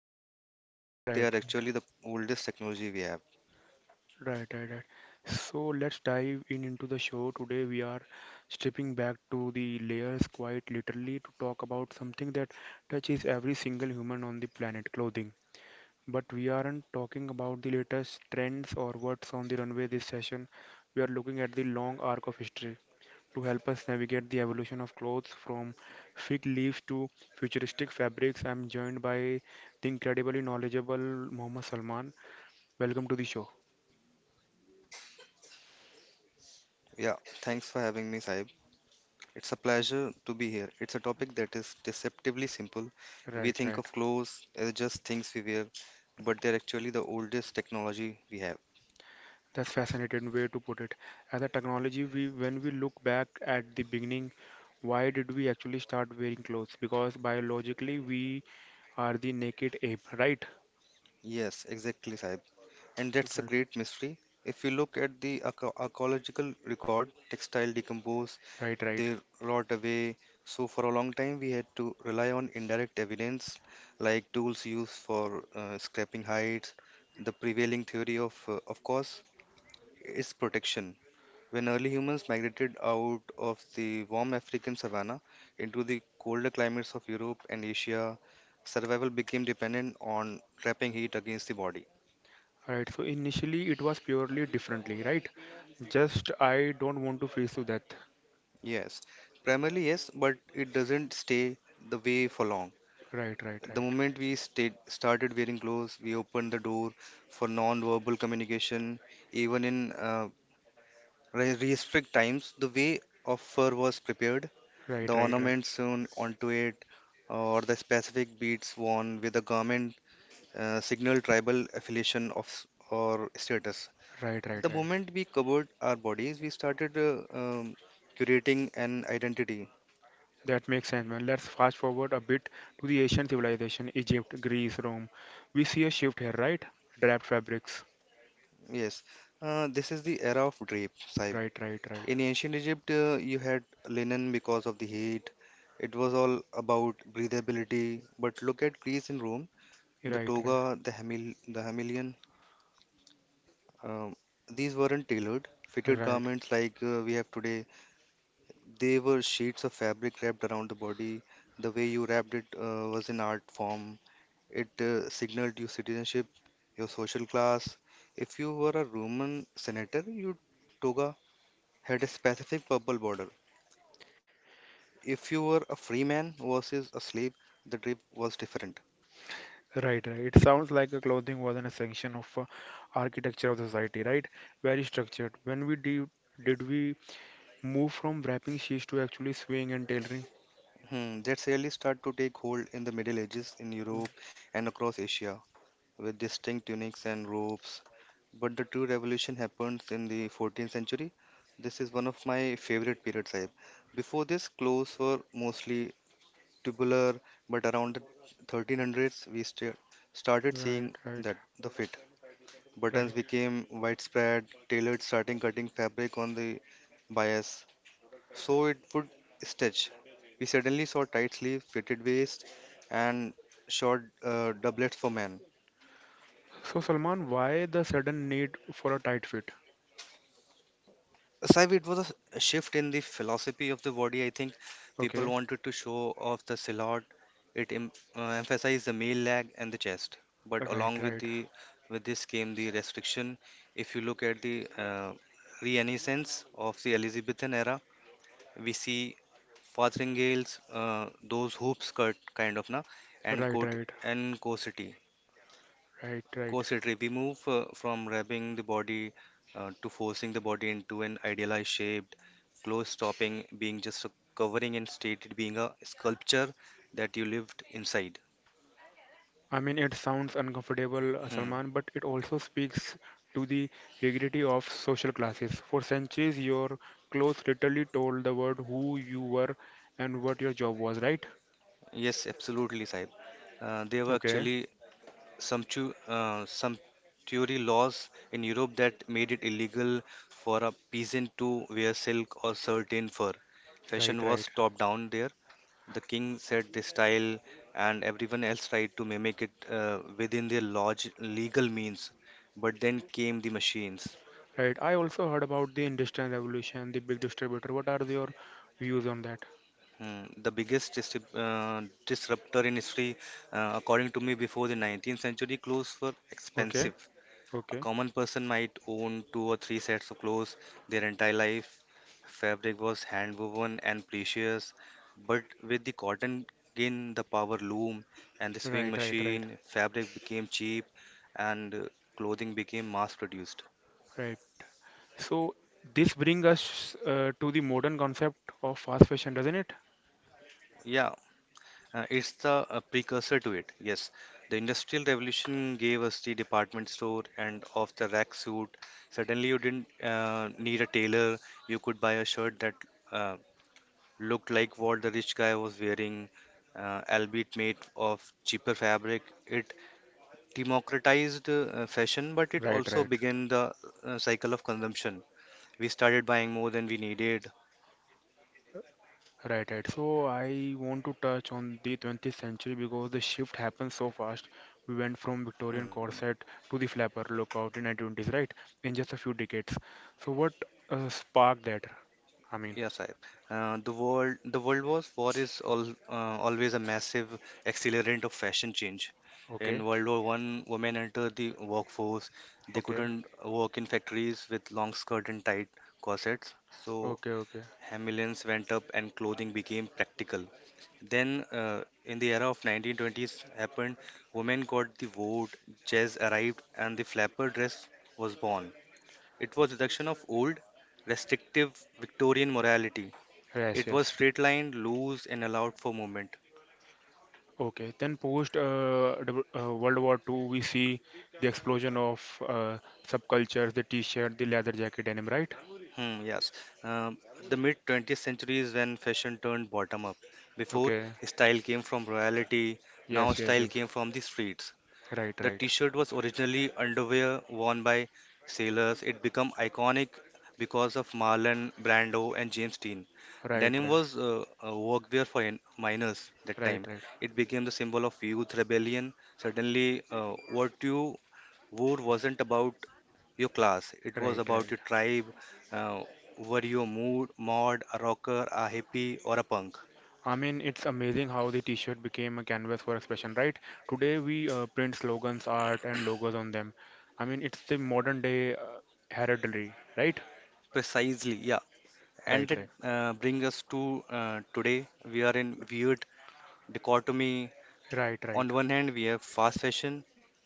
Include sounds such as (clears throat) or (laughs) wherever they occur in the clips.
wear, Right, but right, they are actually the oldest technology we have. right, right, right. So let's dive in into the show. Today we are stripping back to the layers quite literally to talk about something that touches every single human on the planet, clothing. But we aren't talking about the latest trends or what's on the runway this session. We are looking at the long arc of history to help us navigate the evolution of clothes from fig leaves to futuristic fabrics. I'm joined by the incredibly knowledgeable Mohammed Salman. Welcome to the show. Yeah, thanks for having me, Sahib. It's a pleasure to be here. It's a topic that is deceptively simple. We Right, think right. of clothes as just things we wear, but they're actually the oldest technology we have. That's fascinating way to put it. As a technology, we when we look back at the beginning, why did we actually start wearing clothes? Because biologically, we are the naked ape, right? Yes, exactly, Sahib, and that's a Right, great mystery. If you look at the archaeological record, textile decompose, right, right. they rot away. So for a long time, we had to rely on indirect evidence like tools used for scraping hides. The prevailing theory of course, is protection. When early humans migrated out of the warm African savanna into the colder climates of Europe and Asia, survival became dependent on trapping heat against the body. Right. So initially it was purely differently, right? Just I don't want to freeze to death. Yes, primarily yes, but it doesn't stay the way for long. Right, right, The right. moment started wearing clothes, we opened the door for non-verbal communication. Even in restrict times, the way of fur was prepared, Right, the right, right. ornaments sewn onto it, or the specific beads worn with the garment signal tribal affiliation or status. Right, right, The right. moment we covered our bodies, we started curating an identity. That makes sense, man. Let's fast forward a bit to the Asian civilization, Egypt, Greece, Rome. We see a shift here, right? Draped fabrics. Yes, this is the era of drape, Sahib. Right, right, right. In ancient Egypt, you had linen because of the heat. It was all about breathability. But look at Greece and Rome. The Right, right. toga, the hamilion, um, these weren't tailored, fitted Right. garments like we have today. They were sheets of fabric wrapped around the body. The way you wrapped it was an art form. It signaled your citizenship, your social class. If you were a Roman senator, you toga. Had a specific purple border. If you were a free man versus a slave, the drive was different. Right, right. It sounds like a clothing was an extension of architecture of the society, right? Very structured. When we de Did we move from wrapping sheets to actually sewing and tailoring. That really started to take hold in the Middle Ages in Europe and across Asia, with distinct tunics and robes. But the true revolution happens in the 14th century. This is one of my favorite periods, Sahib. Before this, clothes were mostly tubular, but around the 1300s started Right, seeing right, that the fit. Buttons right. became widespread, tailors starting cutting fabric on the bias so it would stretch. We suddenly saw tight sleeves, fitted waist, and short doublets for men. So, Salman, why the sudden need for a tight fit? Saib, it was a shift in the philosophy of the body. I think people Okay, wanted to show off the silhouette. It emphasized the male leg and the chest. But right, along with right, the with this came the restriction. If you look at the Renaissance of the Elizabethan era, we see Farthingales, those hoop skirt kind of na, and right, coat right, and cosity. right, right. Cositry. We move from wrapping the body to forcing the body into an idealized shape. Clothes stopping being just a covering and stated being a sculpture that you lived inside. I mean, it sounds uncomfortable, Hmm. Salman, but it also speaks to the rigidity of social classes. For centuries, your clothes literally told the world who you were and what your job was, right? Yes, absolutely, Saib. They were Okay, actually some some Tory laws in Europe that made it illegal for a peasant to wear silk or certain fur. right, Fashion was right. top down there. The king set the style, and everyone else tried to mimic it within their legal means. But then came the machines. Right. I also heard about the Industrial Revolution, the big distributor. What are your views on that? Hmm, the biggest disruptor in history, according to me, before the 19th century, clothes were Okay. expensive. A Okay. common person might own two or three sets of clothes their entire life. Fabric was hand woven and precious, but with the cotton gin, the power loom, and the sewing Right. Right. Right. machine, fabric became cheap and clothing became mass produced. Right. So this brings us to the modern concept of fast fashion, doesn't it? Yeah, it's the precursor to it. Yes, the Industrial Revolution gave us the department store and off the rack suit. Suddenly, you didn't need a tailor, you could buy a shirt that uh, looked like what the rich guy was wearing, albeit made of cheaper fabric. It democratized fashion, but it Right, also right, began the cycle of consumption. We started buying more than we needed. right, right. So I want to touch on the 20th century because the shift happened so fast. We went from Victorian Hmm. corset to the flapper lookout in 1920s, right? In just a few decades. So what sparked that? I mean, Yes, the world was war is all, always a massive accelerant of fashion change. okay, In World War One, women entered the workforce. They okay, couldn't work in factories with long skirt and tight corsets. So okay, okay. Hamillons went up and clothing became practical. Then, in the era of 1920s, happened women got the vote, jazz arrived, and the flapper dress was born. It was reduction of old, restrictive Victorian morality. Yes, It was yes. straight line, loose, and allowed for movement. Okay. Then post World War II, we see the explosion of subcultures, the t-shirt, the leather jacket denim, right? Hmm, yes. Um, the mid 20th century is when fashion turned bottom up. Before, Okay. style came from royalty, now Yes, yes, style yes. came from the streets. Right, The right. t-shirt was originally underwear worn by sailors. It became iconic because of Marlon Brando and James Dean. Right, Denim right. was a workwear for miners that Right, time. right. It became the symbol of youth rebellion. Suddenly, what you wore wasn't about your class. It was Right, about right. your tribe. Uh, were you a mod, a rocker, a hippie, or a punk? I mean, it's amazing how the t-shirt became a canvas for expression, right? Today we print slogans, art, and logos on them. I mean, it's the modern day heraldry, right? Precisely, yeah. And Right, that right. Brings us to today. We are in weird dichotomy. Right, right. On one hand, we have fast fashion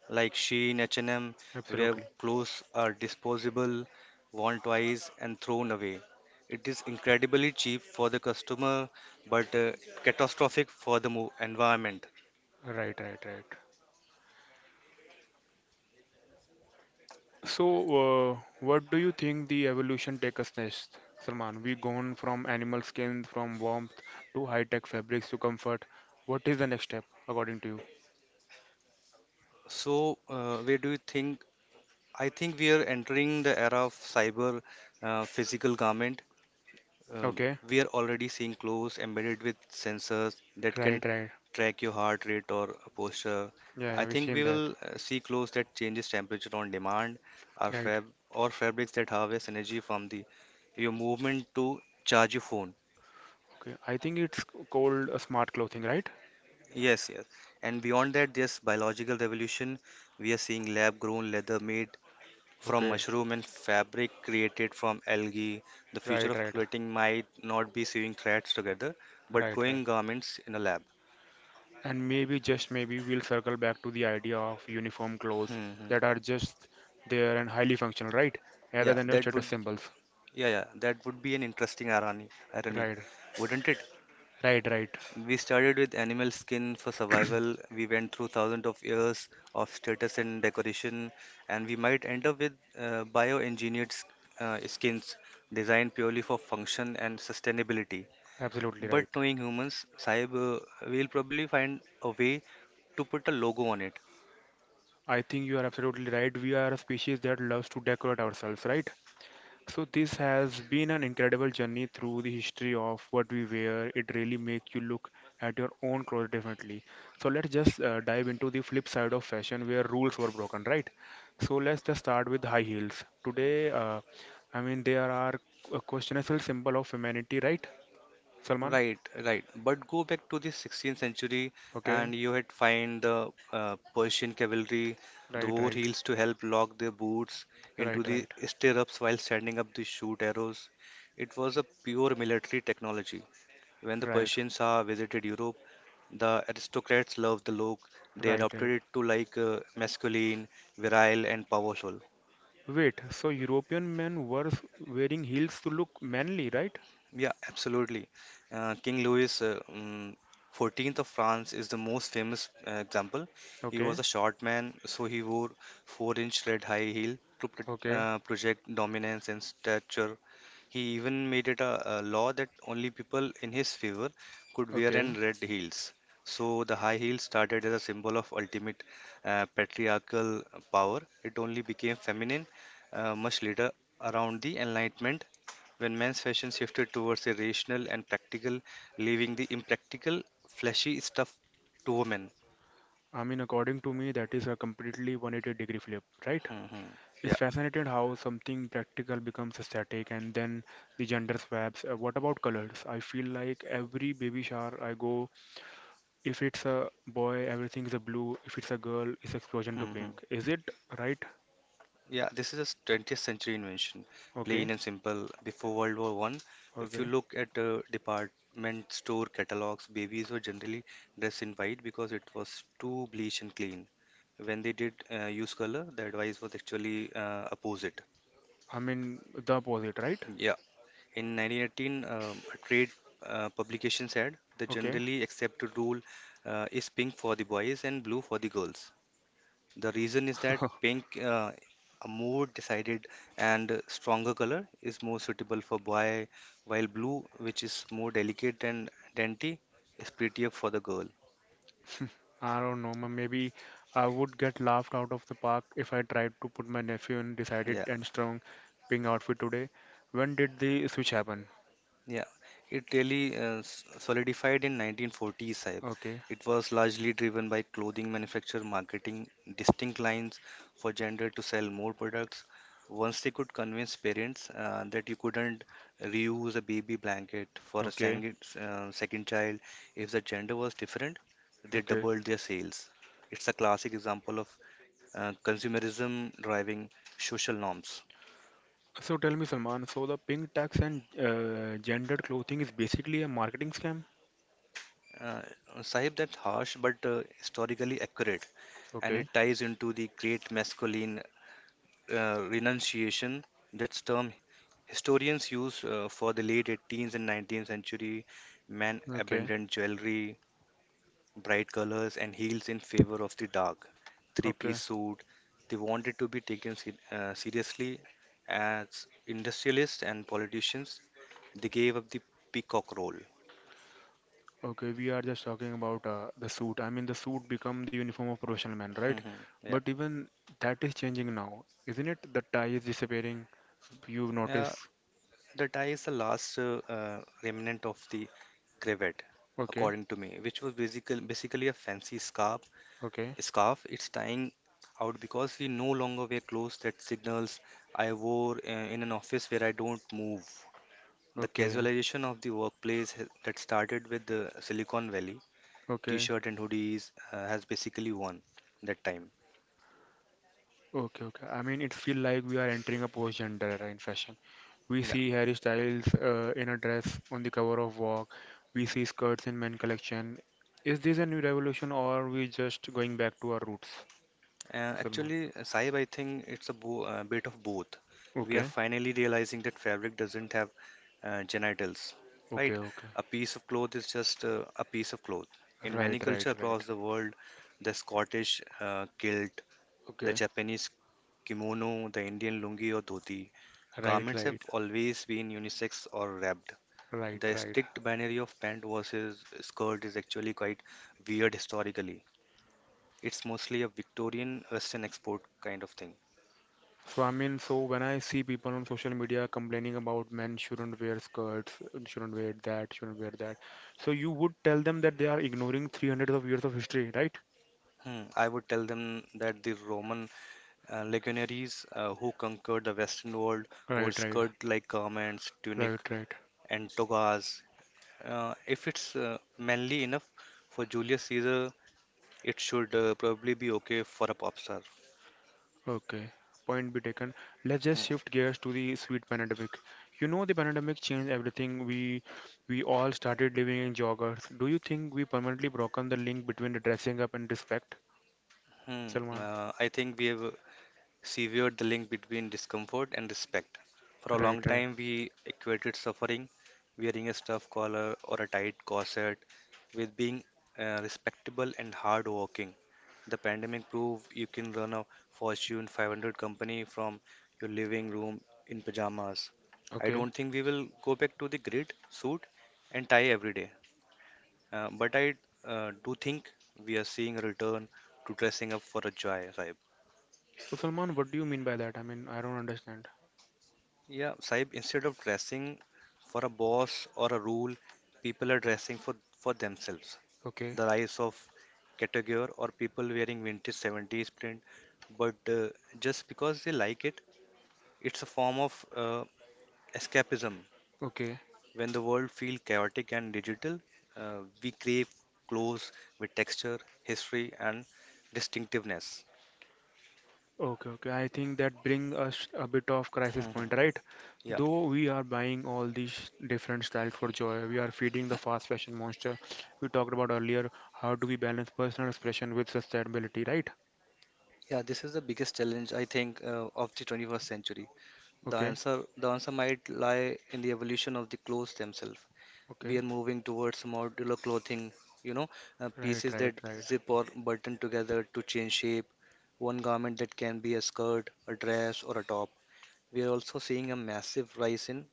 like Shein, H&M, where Absolutely. clothes are disposable, worn twice, and thrown away. It is incredibly cheap for the customer, but catastrophic for the environment. Right, right, right. So, what do you think the evolution take us next, Salman? We gone from animal skin, from warmth to high-tech fabrics to comfort. What is the next step according to you? So, where do you think? I think we are entering the era of cyber physical garment. Uh, Okay, we are already seeing clothes embedded with sensors that can right, right. track your heart rate or posture. Yeah, I yeah, we've think we seen that. will see clothes that changes temperature on demand, or Right. fab or fabrics that harvest energy from the your movement to charge your phone. Okay, I think it's called a smart clothing, right? Yes, yes. And beyond that, this biological revolution, we are seeing lab-grown leather made from Okay, mushroom and fabric created from algae. The future right, of right, clothing might not be sewing threads together, but right, right. growing garments in a lab. And maybe just maybe we'll circle back to the idea of uniform clothes Mm-hmm. that are just there and highly functional, right? Rather Yeah, than your that status would symbols. yeah, yeah, that would be an interesting irony, Right, wouldn't it? right, right. We started with animal skin for (coughs) survival. We went through thousands of years of status and decoration, and we might end up with bioengineered skins designed purely for function and sustainability. (clears throat) Absolutely But right. knowing humans, Saib, we'll probably find a way to put a logo on it. I think you are absolutely right. We are a species that loves to decorate ourselves, right? So this has been an incredible journey through the history of what we wear. It really makes you look at your own clothes differently. So let's just dive into the flip side of fashion where rules were broken, right? So let's just start with high heels. Today, I mean, they are a questionable symbol of humanity, right? Salman? Right, right. But go back to the 16th century, Okay. and you had find the Persian cavalry, the Right, wore right, heels to help lock their boots into right, the right, stirrups while standing up to shoot arrows. It was a pure military technology. When the right, Persians visited Europe, the aristocrats loved the look. They right, right. adopted it to like masculine, virile, and powerful. Wait, so European men were wearing heels to look manly, right? Yeah, absolutely. King Louis 14th of France is the most famous example. He Okay, was a short man, so he wore 4-inch red high heel to okay, project dominance and stature. He even made it a law that only people in his favor could wear okay. in red heels. So the high heel started as a symbol of ultimate patriarchal power. It only became feminine much later around the Enlightenment when men's fashion shifted towards a rational and practical, leaving the impractical, flashy stuff to women. I mean, according to me, that is a completely 180-degree flip, right? Hmm, hmm. Yeah. It's fascinating how something practical becomes static and then the gender swaps. What about colors? I feel like every baby shower I go, if it's a boy, everything is a blue. If it's a girl, it's explosion to Hmm, hmm. pink. Is it right? Yeah, this is a 20th century invention, plain Okay, and simple. Before World War I, if you okay. look at department store catalogs, babies were generally dressed in white because it was too bleach and clean. When they did use color, the advice was actually opposite. I mean, the opposite, right? Yeah. In 1918, a trade publication said the Okay. generally accepted rule is pink for the boys and blue for the girls. The reason is that (laughs) pink, a more decided and stronger color, is more suitable for boy, while blue, which is more delicate and dainty, is prettier for the girl. I don't know, maybe I would get laughed out of the park if I tried to put my nephew in decided Yeah. and strong pink outfit today. When did the switch happen? Yeah, it really solidified in 1940s, Saib. Okay, It was largely driven by clothing manufacturer marketing distinct lines for gender to sell more products. Once they could convince parents that you couldn't reuse a baby blanket for a okay, second child if the gender was different, they okay. doubled their sales. It's a classic example of consumerism driving social norms. So tell me, Salman, so the pink tax and gendered clothing is basically a marketing scam? Uh, Sahib, that's harsh but historically accurate, and Okay, it ties into the great masculine renunciation. That's term historians use for the late 18th and 19th century men okay, abandoned jewelry bright colors and heels in favor of the dark okay, three-piece suit. They wanted to be taken seriously as industrialists and politicians. They gave up the peacock role. okay. We are just talking about the suit. I mean, the suit become the uniform of professional man, right? (laughs) Yeah, But even that is changing now, isn't it? The tie is disappearing. You've yeah. noticed. The tie is the last remnant of the cravat, Okay. according to me, which was basically a fancy scarf. Okay, Scarf. It's tying out because we no longer wear clothes that signals I wore in an office where I don't move. The okay, casualization of the workplace that started with the Silicon Valley, okay, t-shirt and hoodies, has basically won that time. okay, okay. I mean, it feel like we are entering a post-gender era in fashion. We see Harry Styles in a dress on the cover of Vogue. We see skirts in men collection. Is this a new revolution or we just going back to our roots, Uh, Salman? actually, uh, Saib, I think it's a bo bit of both. We are Okay, finally realizing that fabric doesn't have genitals, right? okay, okay. A piece of cloth is just a piece of cloth. In Right, many cultures right, right. across the world, the Scottish kilt, the Okay, Japanese kimono, the Indian lungi or dhoti, right, garments have right, always been unisex or wrapped. right, The right. strict binary of pant versus skirt is actually quite weird historically. It's mostly a Victorian Western export kind of thing. So I mean, so when I see people on social media complaining about men shouldn't wear skirts, shouldn't wear that, so you would tell them that they are ignoring 300 of years of history, right? I would tell them that the Roman legionaries who conquered the Western world wore Right, right, skirt-like garments, tunic, right, right. and togas. If it's manly enough for Julius Caesar, it should probably be okay for a pop star. Okay, point be taken. Let's Hmm, just shift gears to the sweet pandemic. You know, the pandemic changed everything. We all started living in joggers. Do you think we permanently broken the link between dressing up and respect, hmm, Salman? I think we have severed the link between discomfort and respect. For a Right, long right. time, we equated suffering, wearing a stuffed collar or a tight corset, with being respectable and hardworking. The pandemic proved you can run a Fortune 500 company from your living room in pajamas. I Okay. don't think we will go back to the grid, suit, and tie every day. But I do think we are seeing a return to dressing up for a joy, Saib. So Salman, what do you mean by that? I mean, I don't understand. Yeah, Saib, instead of dressing for a boss or a rule, people are dressing for themselves. Okay. The rise of category or people wearing vintage 70s print, but just because they like it, it's a form of escapism. Okay, When the world feels chaotic and digital, we crave clothes with texture, history, and distinctiveness. (laughs) okay, okay. I think that brings us a bit of crisis Mhm. point, right? Yeah, Though we are buying all these different styles for joy, we are feeding the fast fashion monster. We talked about earlier, how do we balance personal expression with sustainability, right? yeah, this is the biggest challenge I think of the 21st century. Okay, The answer might lie in the evolution of the clothes themselves. okay. We are moving towards modular clothing, you know, Right, pieces right, that right. zip or button together to change shape, one garment that can be a skirt, a dress, or a top. We are also seeing a massive rise in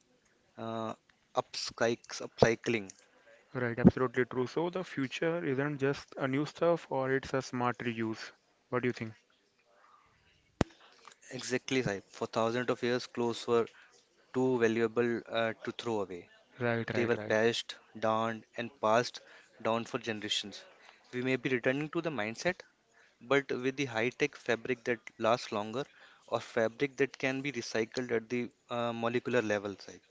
uh, upcycling. Right, absolutely true. So the future isn't just a new stuff or it's a smart reuse. What do you think? Exactly, Saib. For thousands of years, clothes were too valuable to throw away. Right, They right, were right. patched, darned, and passed down for generations. We may be returning to the mindset, but with the high-tech fabric that lasts longer, or fabric that can be recycled at the molecular level, Saib.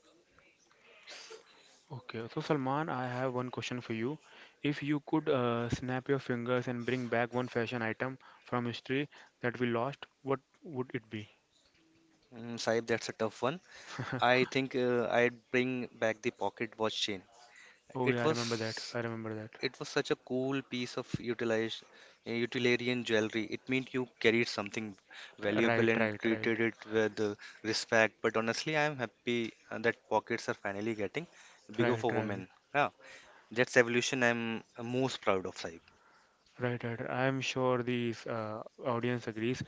Okay, so Salman, I have one question for you. If you could snap your fingers and bring back one fashion item from history that we lost, what would it be? Mm, Saib, that's a tough one. (laughs) I think I'd bring back the pocket watch chain. Oh It yeah, I remember that. was I remember that. it was such a cool piece of utilitarian jewelry. It meant you carried something Right, valuable and right, right, treated it with respect. But honestly, I'm happy that pockets are finally getting bigger right, for right, women. Yeah, that's evolution I'm most proud of, Saib. right, right. I'm sure the audience agrees.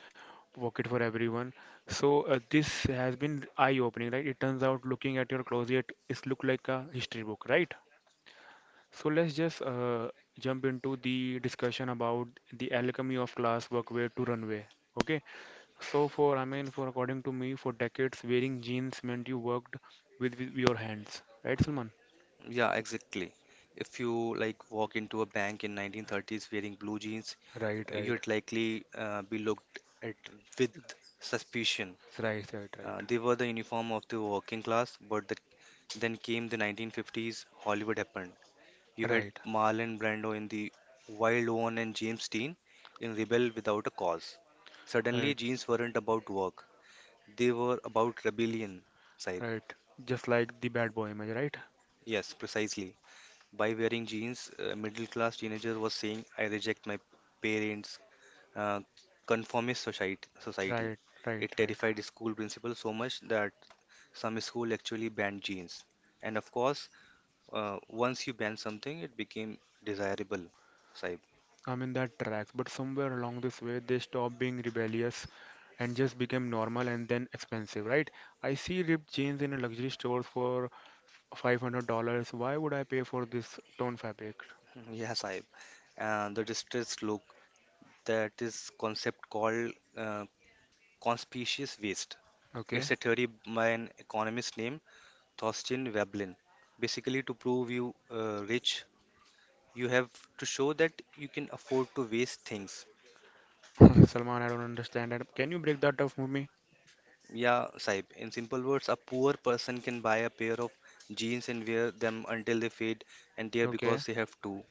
Work it for everyone. So this has been eye-opening, right? It turns out looking at your closet is look like a history book, right? So let's just jump into the discussion about the alchemy of class workwear to runway. Okay. So for I mean for according to me, for decades wearing jeans meant you worked with your hands, right, Salman? Yeah, exactly. If you like walk into a bank in 1930s wearing blue jeans, Right, right, you'd likely be looked at with suspicion. right, right, right, They were the uniform of the working class, but then came the 1950s, Hollywood happened. You had right, Marlon Brando in The Wild One and James Dean in Rebel Without a Cause. Suddenly, right, jeans weren't about work, they were about rebellion, Saib. right. Just like the bad boy image, right? Yes, precisely. By wearing jeans, a middle class teenager was saying, I reject my parents' uh, conformist Right, society. right, It right. terrified the school principal so much that some school actually banned jeans. And of course, once you ban something, it became desirable, Saib. I'm in that track, but somewhere along this way, they stopped being rebellious and just became normal and then expensive, right? I see ripped jeans in a luxury stores for $500. Why would I pay for this torn fabric? (laughs) Yeah, Saib. And the distressed look, that is concept called uh, conspicuous waste. It's Okay. a theory by an economist named Thorstein Veblen. Basically, to prove you rich, you have to show that you can afford to waste things. (laughs) Salman, I don't understand that. Can you break that up for me? Yeah, Saib. In simple words, a poor person can buy a pair of jeans and wear them until they fade and tear Okay, because they have to.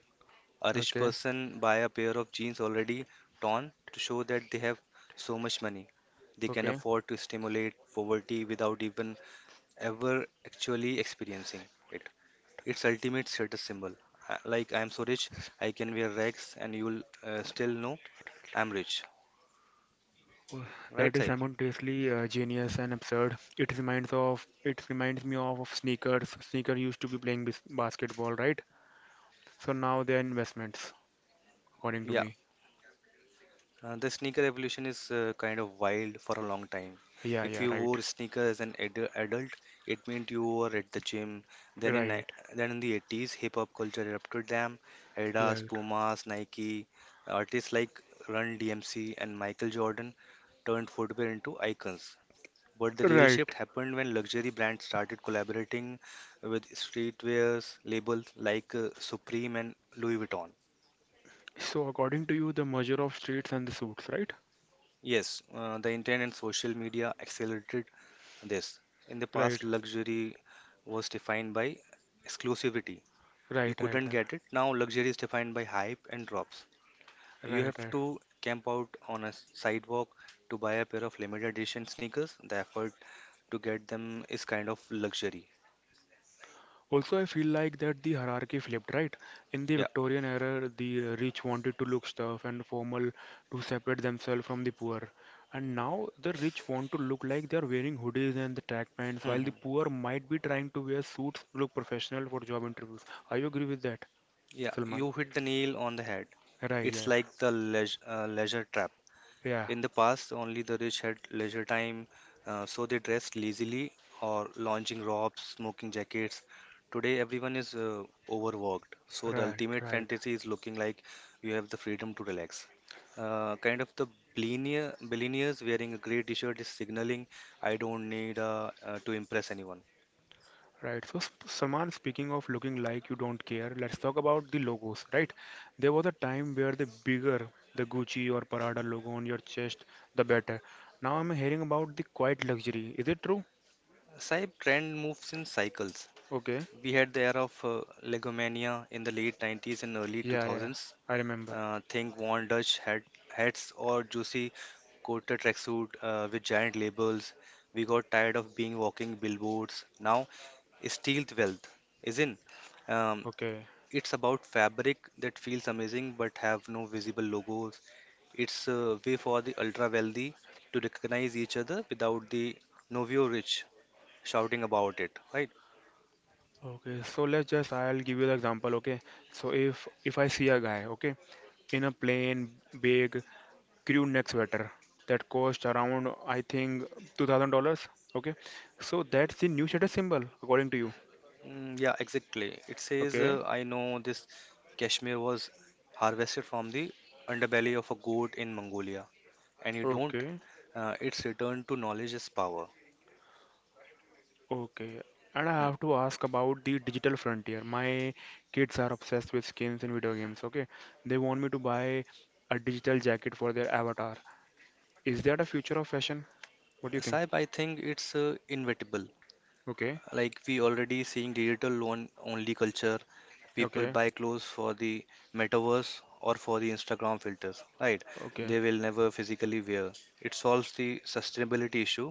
A rich okay, person buy a pair of jeans already torn to show that they have so much money. They can okay. afford to stimulate poverty without even ever actually experiencing it. It's ultimate status symbol. Like I'm so rich, I can wear rags and you'll still know I'm rich. Oh, Right, that is Saib? simultaneously genius and absurd. It reminds me of sneakers. Sneaker used to be playing bis basketball, right? So now they are investments, according to Yeah. me. The sneaker evolution is kind of wild for a long time. Yeah, If yeah, you right, wore sneakers as an adult, it meant you were at the gym. Then in ni- right, then in the 80s, hip hop culture erupted. Them yeah, Adidas, Pumas, Nike, artists like Run DMC and Michael Jordan turned footwear into icons. But the real right. shift happened when luxury brands started collaborating with streetwears labels like Supreme and Louis Vuitton. So according to you, the merger of streets and the suits, right? Yes, the internet and social media accelerated this. In the Right, past, luxury was defined by exclusivity. You right, right, couldn't right, get it. Now, luxury is defined by hype and drops. You right, have right. to camp out on a sidewalk to buy a pair of limited edition sneakers. The effort to get them is kind of luxury. Also, I feel like that the hierarchy flipped, right? In the Yeah. Victorian era, the rich wanted to look stuff and formal to separate themselves from the poor. And now the rich want to look like they are wearing hoodies and the track pants, while the (laughs) poor might be trying to wear suits, look professional for job interviews. I agree with that, Yeah, Salman? you hit the nail on the head. Right, yeah, It's like the leisure trap. yeah, In the past, only the rich had leisure time, so they dressed lazily or lounging robes, smoking jackets. Today, everyone is overworked, so the right, ultimate right. fantasy is looking like you have the freedom to relax. Kind of the billionaires wearing a grey t-shirt is signaling I don't need to impress anyone. Right. So, Salman, speaking of looking like you don't care, let's talk about the logos, right? There was a time where the bigger the Gucci or Prada logo on your chest, the better. Now I'm hearing about the quiet luxury. Is it true? Cyber trend moves in cycles. Okay. We had the era of Legomania in the late 90s and early Yeah, yeah. 2000s. I remember. Think Von Dutch hats or juicy coated tracksuit with giant labels. We got tired of being walking billboards. Now, stealth wealth is in. Um, Okay. it's about fabric that feels amazing but have no visible logos. It's a way for the ultra wealthy to recognize each other without the novio rich shouting about it, right? Okay. So let's just I'll give you the example, okay? So if I see a guy, okay, in a plain, big, crew neck sweater that cost around I think $2,000. Okay, so that's the new status symbol according to you. Mm, yeah, exactly. It says, Okay, I know this cashmere was harvested from the underbelly of a goat in Mongolia, and you don't. okay, It's returned to knowledge as power. okay. And I Hmm. have to ask about the digital frontier. My kids are obsessed with skins in video games. Okay, they want me to buy a digital jacket for their avatar. Is that a future of fashion? What do you think? Saib, I think it's inevitable. Okay, Like we already seeing digital loan only culture, people okay, buy clothes for the metaverse or for the Instagram filters, right? okay, They will never physically wear it. Solves the sustainability issue,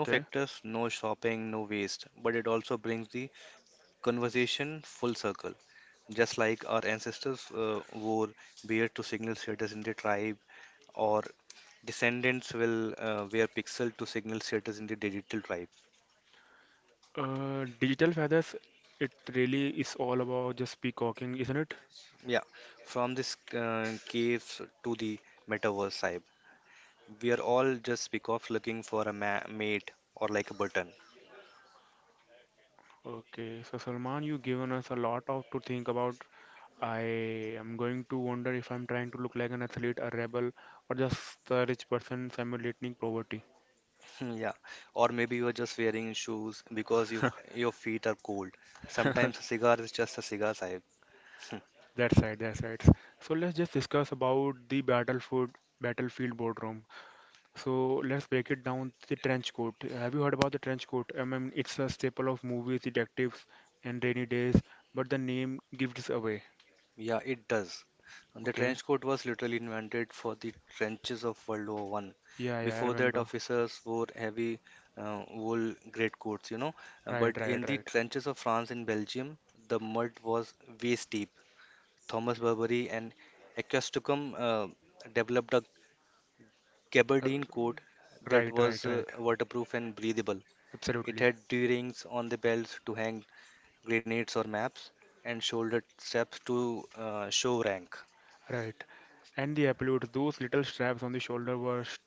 no factors, no shopping, no waste, but it also brings the conversation full circle. Just like our ancestors wore beard to signal status in the tribe or descendants will wear pixel to signal status in the digital tribe. Digital feathers. It really is all about just peacocking, isn't it? Yeah, from this caves to the metaverse, Saib. We are all just speak of looking for a ma mate or like a button. Okay, so Salman, you've given us a lot of to think about. I am going to wonder if I'm trying to look like an athlete, a rebel, or just a rich person simulating poverty. Hmm, yeah, or maybe you are just wearing shoes because your feet are cold. Sometimes a cigar is just a cigar, Saib. That's right, that's right. So let's just discuss about the battlefield boardroom. So let's break it down. The trench coat. Have you heard about the trench coat? I mean, it's a staple of movies, detectives, and rainy days, but the name gives away. Yeah, it does. And the Okay. trench coat was literally invented for the trenches of World War 1. Yeah, yeah, I Before that, remember. officers wore heavy wool greatcoats, you know. Right, But right, in the right. trenches of France and Belgium, the mud was waist deep. Thomas Burberry and Equestocom developed a R- gabardine coat that Right, was right, right. waterproof and breathable. It Absolutely. had D-rings on the belts to hang grenades or maps, and shoulder straps to show rank. Right. And the appellate, those little straps on the shoulder were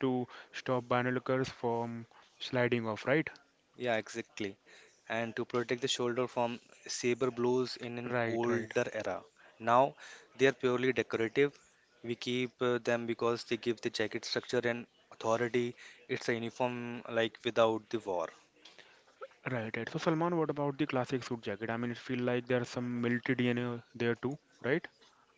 to stop binoculars from sliding off, right? Yeah, exactly. And to protect the shoulder from saber blows in an Right, right. older era. Now they are purely decorative. We keep them because they give the jacket structure and authority. It's a uniform like without the war. Right, right. So Salman, what about the classic suit jacket? I mean, it feel like there's some military DNA there too, right?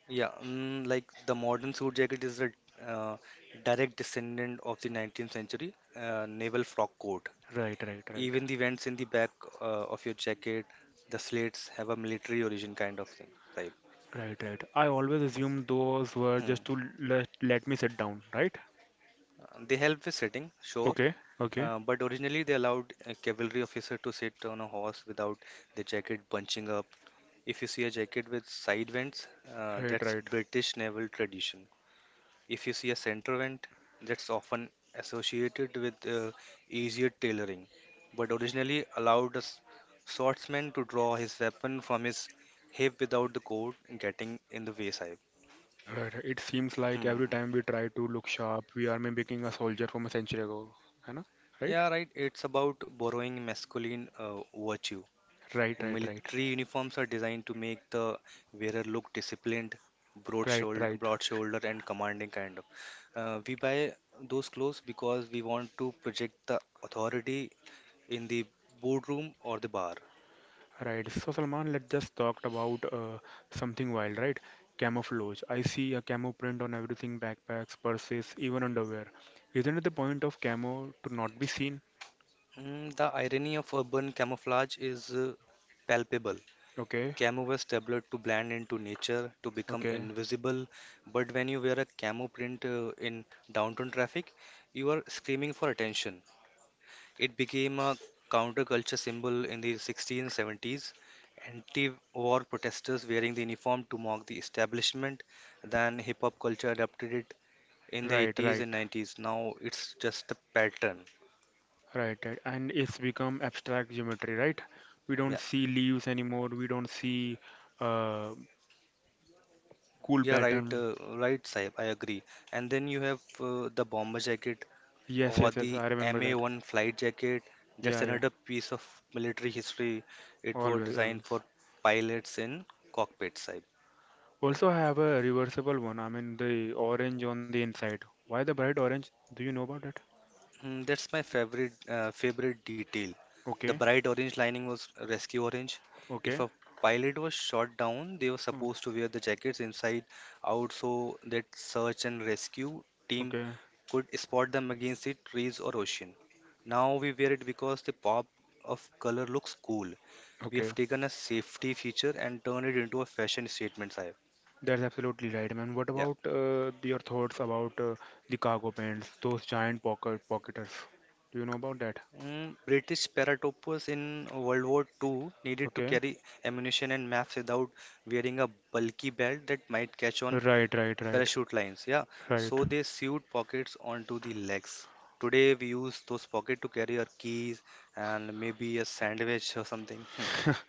Yeah, like the modern suit jacket is a uh, direct descendant of the 19th century naval frock coat. Right, right, right. Even the vents in the back uh, of your jacket, the slits have a military origin kind of thing, right? Right, right. I always assumed those were Hmm. just to let me sit down, right? They help with sitting, sure, Okay, okay. But originally they allowed a cavalry officer to sit on a horse without the jacket bunching up. If you see a jacket with side vents, Right, that's right. British naval tradition. If you see a center vent, that's often associated with easier tailoring, but originally allowed a swordsman to draw his weapon from his hip without the coat getting in the way, Sahib. Right, right. It seems like Hmm. every time we try to look sharp, we are mimicking a soldier from a century ago, you know? Right? Yeah, right. It's about borrowing masculine virtues. Right, right, right. Military uniforms are designed to make the wearer look disciplined, Right, right, broad shoulder, and commanding kind of. We buy those clothes because we want to project the authority in the boardroom or the bar. right. So Salman, let's just talk about something wild, right? Camouflage. I see a camo print on everything, backpacks, purses, even underwear. Isn't it the point of camo to not be seen? Mm, the irony of urban camouflage is palpable. Okay, Camo was developed to blend into nature, to become okay. invisible. But when you wear a camo print in downtown traffic, you are screaming for attention. It became a counterculture symbol in the 1670s. Anti-war protesters wearing the uniform to mock the establishment. Then hip hop culture adopted it in the Right, 80s right, and 90s. Now it's just a pattern. right, right. And it's become abstract geometry, right? We Yeah, don't see leaves anymore. We don't see uh, cool you're right, pattern. Right, Saib. I agree. And then you have the bomber jacket Yes, or yes, yes. the I remember that. MA-1 flight jacket. That's Yeah, yeah. another piece of military history. It was Always, designed always. for pilots in cockpits, Saib. Also, I have a reversible one. I mean, the orange on the inside. Why the bright orange? Do you know about that? Mm, that's my favorite detail. The Okay, bright orange lining was rescue orange. If okay, a pilot was shot down, they were mm, supposed to wear the jackets inside out so that search and rescue team okay, could spot them against the trees or ocean. Now we wear it because the pop of color looks cool. We okay. have taken a safety feature and turned it into a fashion statement, Sahib. That's absolutely right, man. What Yeah. about your thoughts about the cargo pants, those giant pocketers? Do you know about that? Mm, British paratropoops in World War II needed to Okay, carry ammunition and maps without wearing a bulky belt that might catch on right, right, right, parachute lines. Yeah, right. so they sewed pockets onto the legs. Today we use those pockets to carry our keys and maybe a sandwich or something. (laughs) Hmm. (laughs)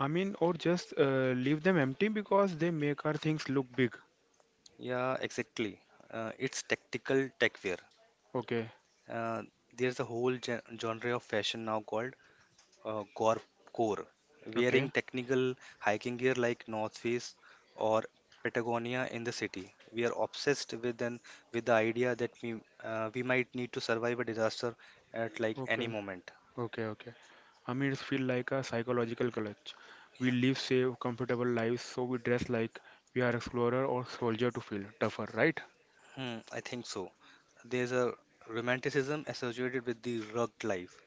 I mean, or just leave them empty because they make our things look big. Yeah, exactly. It's tactical tech wear. Okay, Uh, there's a whole genre of fashion now called gore core, wearing okay, technical hiking gear like North Face or Patagonia in the city. We are obsessed with the idea that we might need to survive a disaster at like okay. any moment. Okay, okay. I mean, it's feel like a psychological clutch. We live safe, comfortable lives, so we dress like we are explorer or soldier to feel tougher, right? Hmm, I think so. There's a romanticism associated with the rugged life.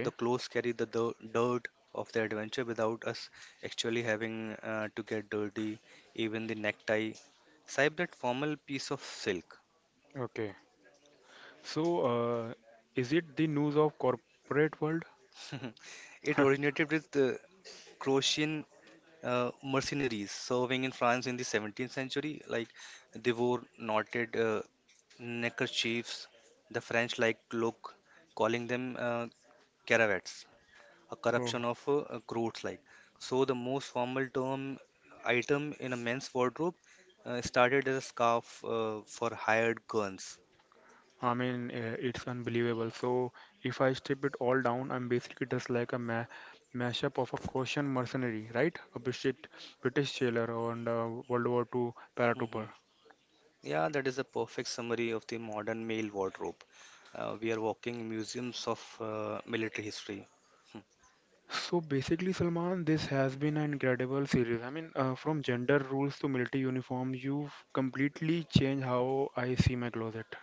The clothes carry the dirt of the adventure without us actually having to get dirty, even the necktie. Swipe that formal piece of silk. Okay. So, is it the news of corporate world? (laughs) It (laughs) originated with the Croatian mercenaries serving in France in the 17th century. Like they wore knotted neckerchiefs. The French like look, calling them caravats, a Oh, corruption of croats like. So the most formal term item in a men's wardrobe started as a scarf for hired guns. I mean, it's unbelievable. So, if I strip it all down, I'm basically just like a ma mashup of a Caucasian mercenary, right? British sailor and a World War II paratrooper. (laughs) Yeah, that is a perfect summary of the modern male wardrobe. We are walking museums of military history. Hmm. So basically, Salman, this has been an incredible series. I mean, from gender rules to military uniforms, you've completely changed how I see my closet.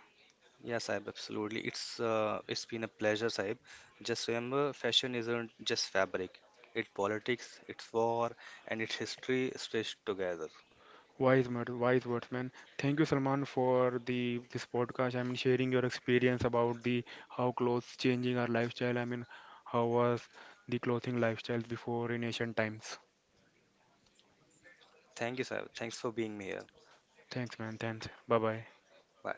Yeah, Saib, absolutely. It's been a pleasure, Saib. Just remember, fashion isn't just fabric. It's politics, it's war, and it's history stitched together. Wise, wise words, man. Thank you, Salman, for the this podcast. I mean, sharing your experience about the how clothes changing our lifestyle. I mean, how was the clothing lifestyle before in ancient times? Thank you, Saib. Thanks for being here. Thanks, man. Thanks. Bye bye. Bye.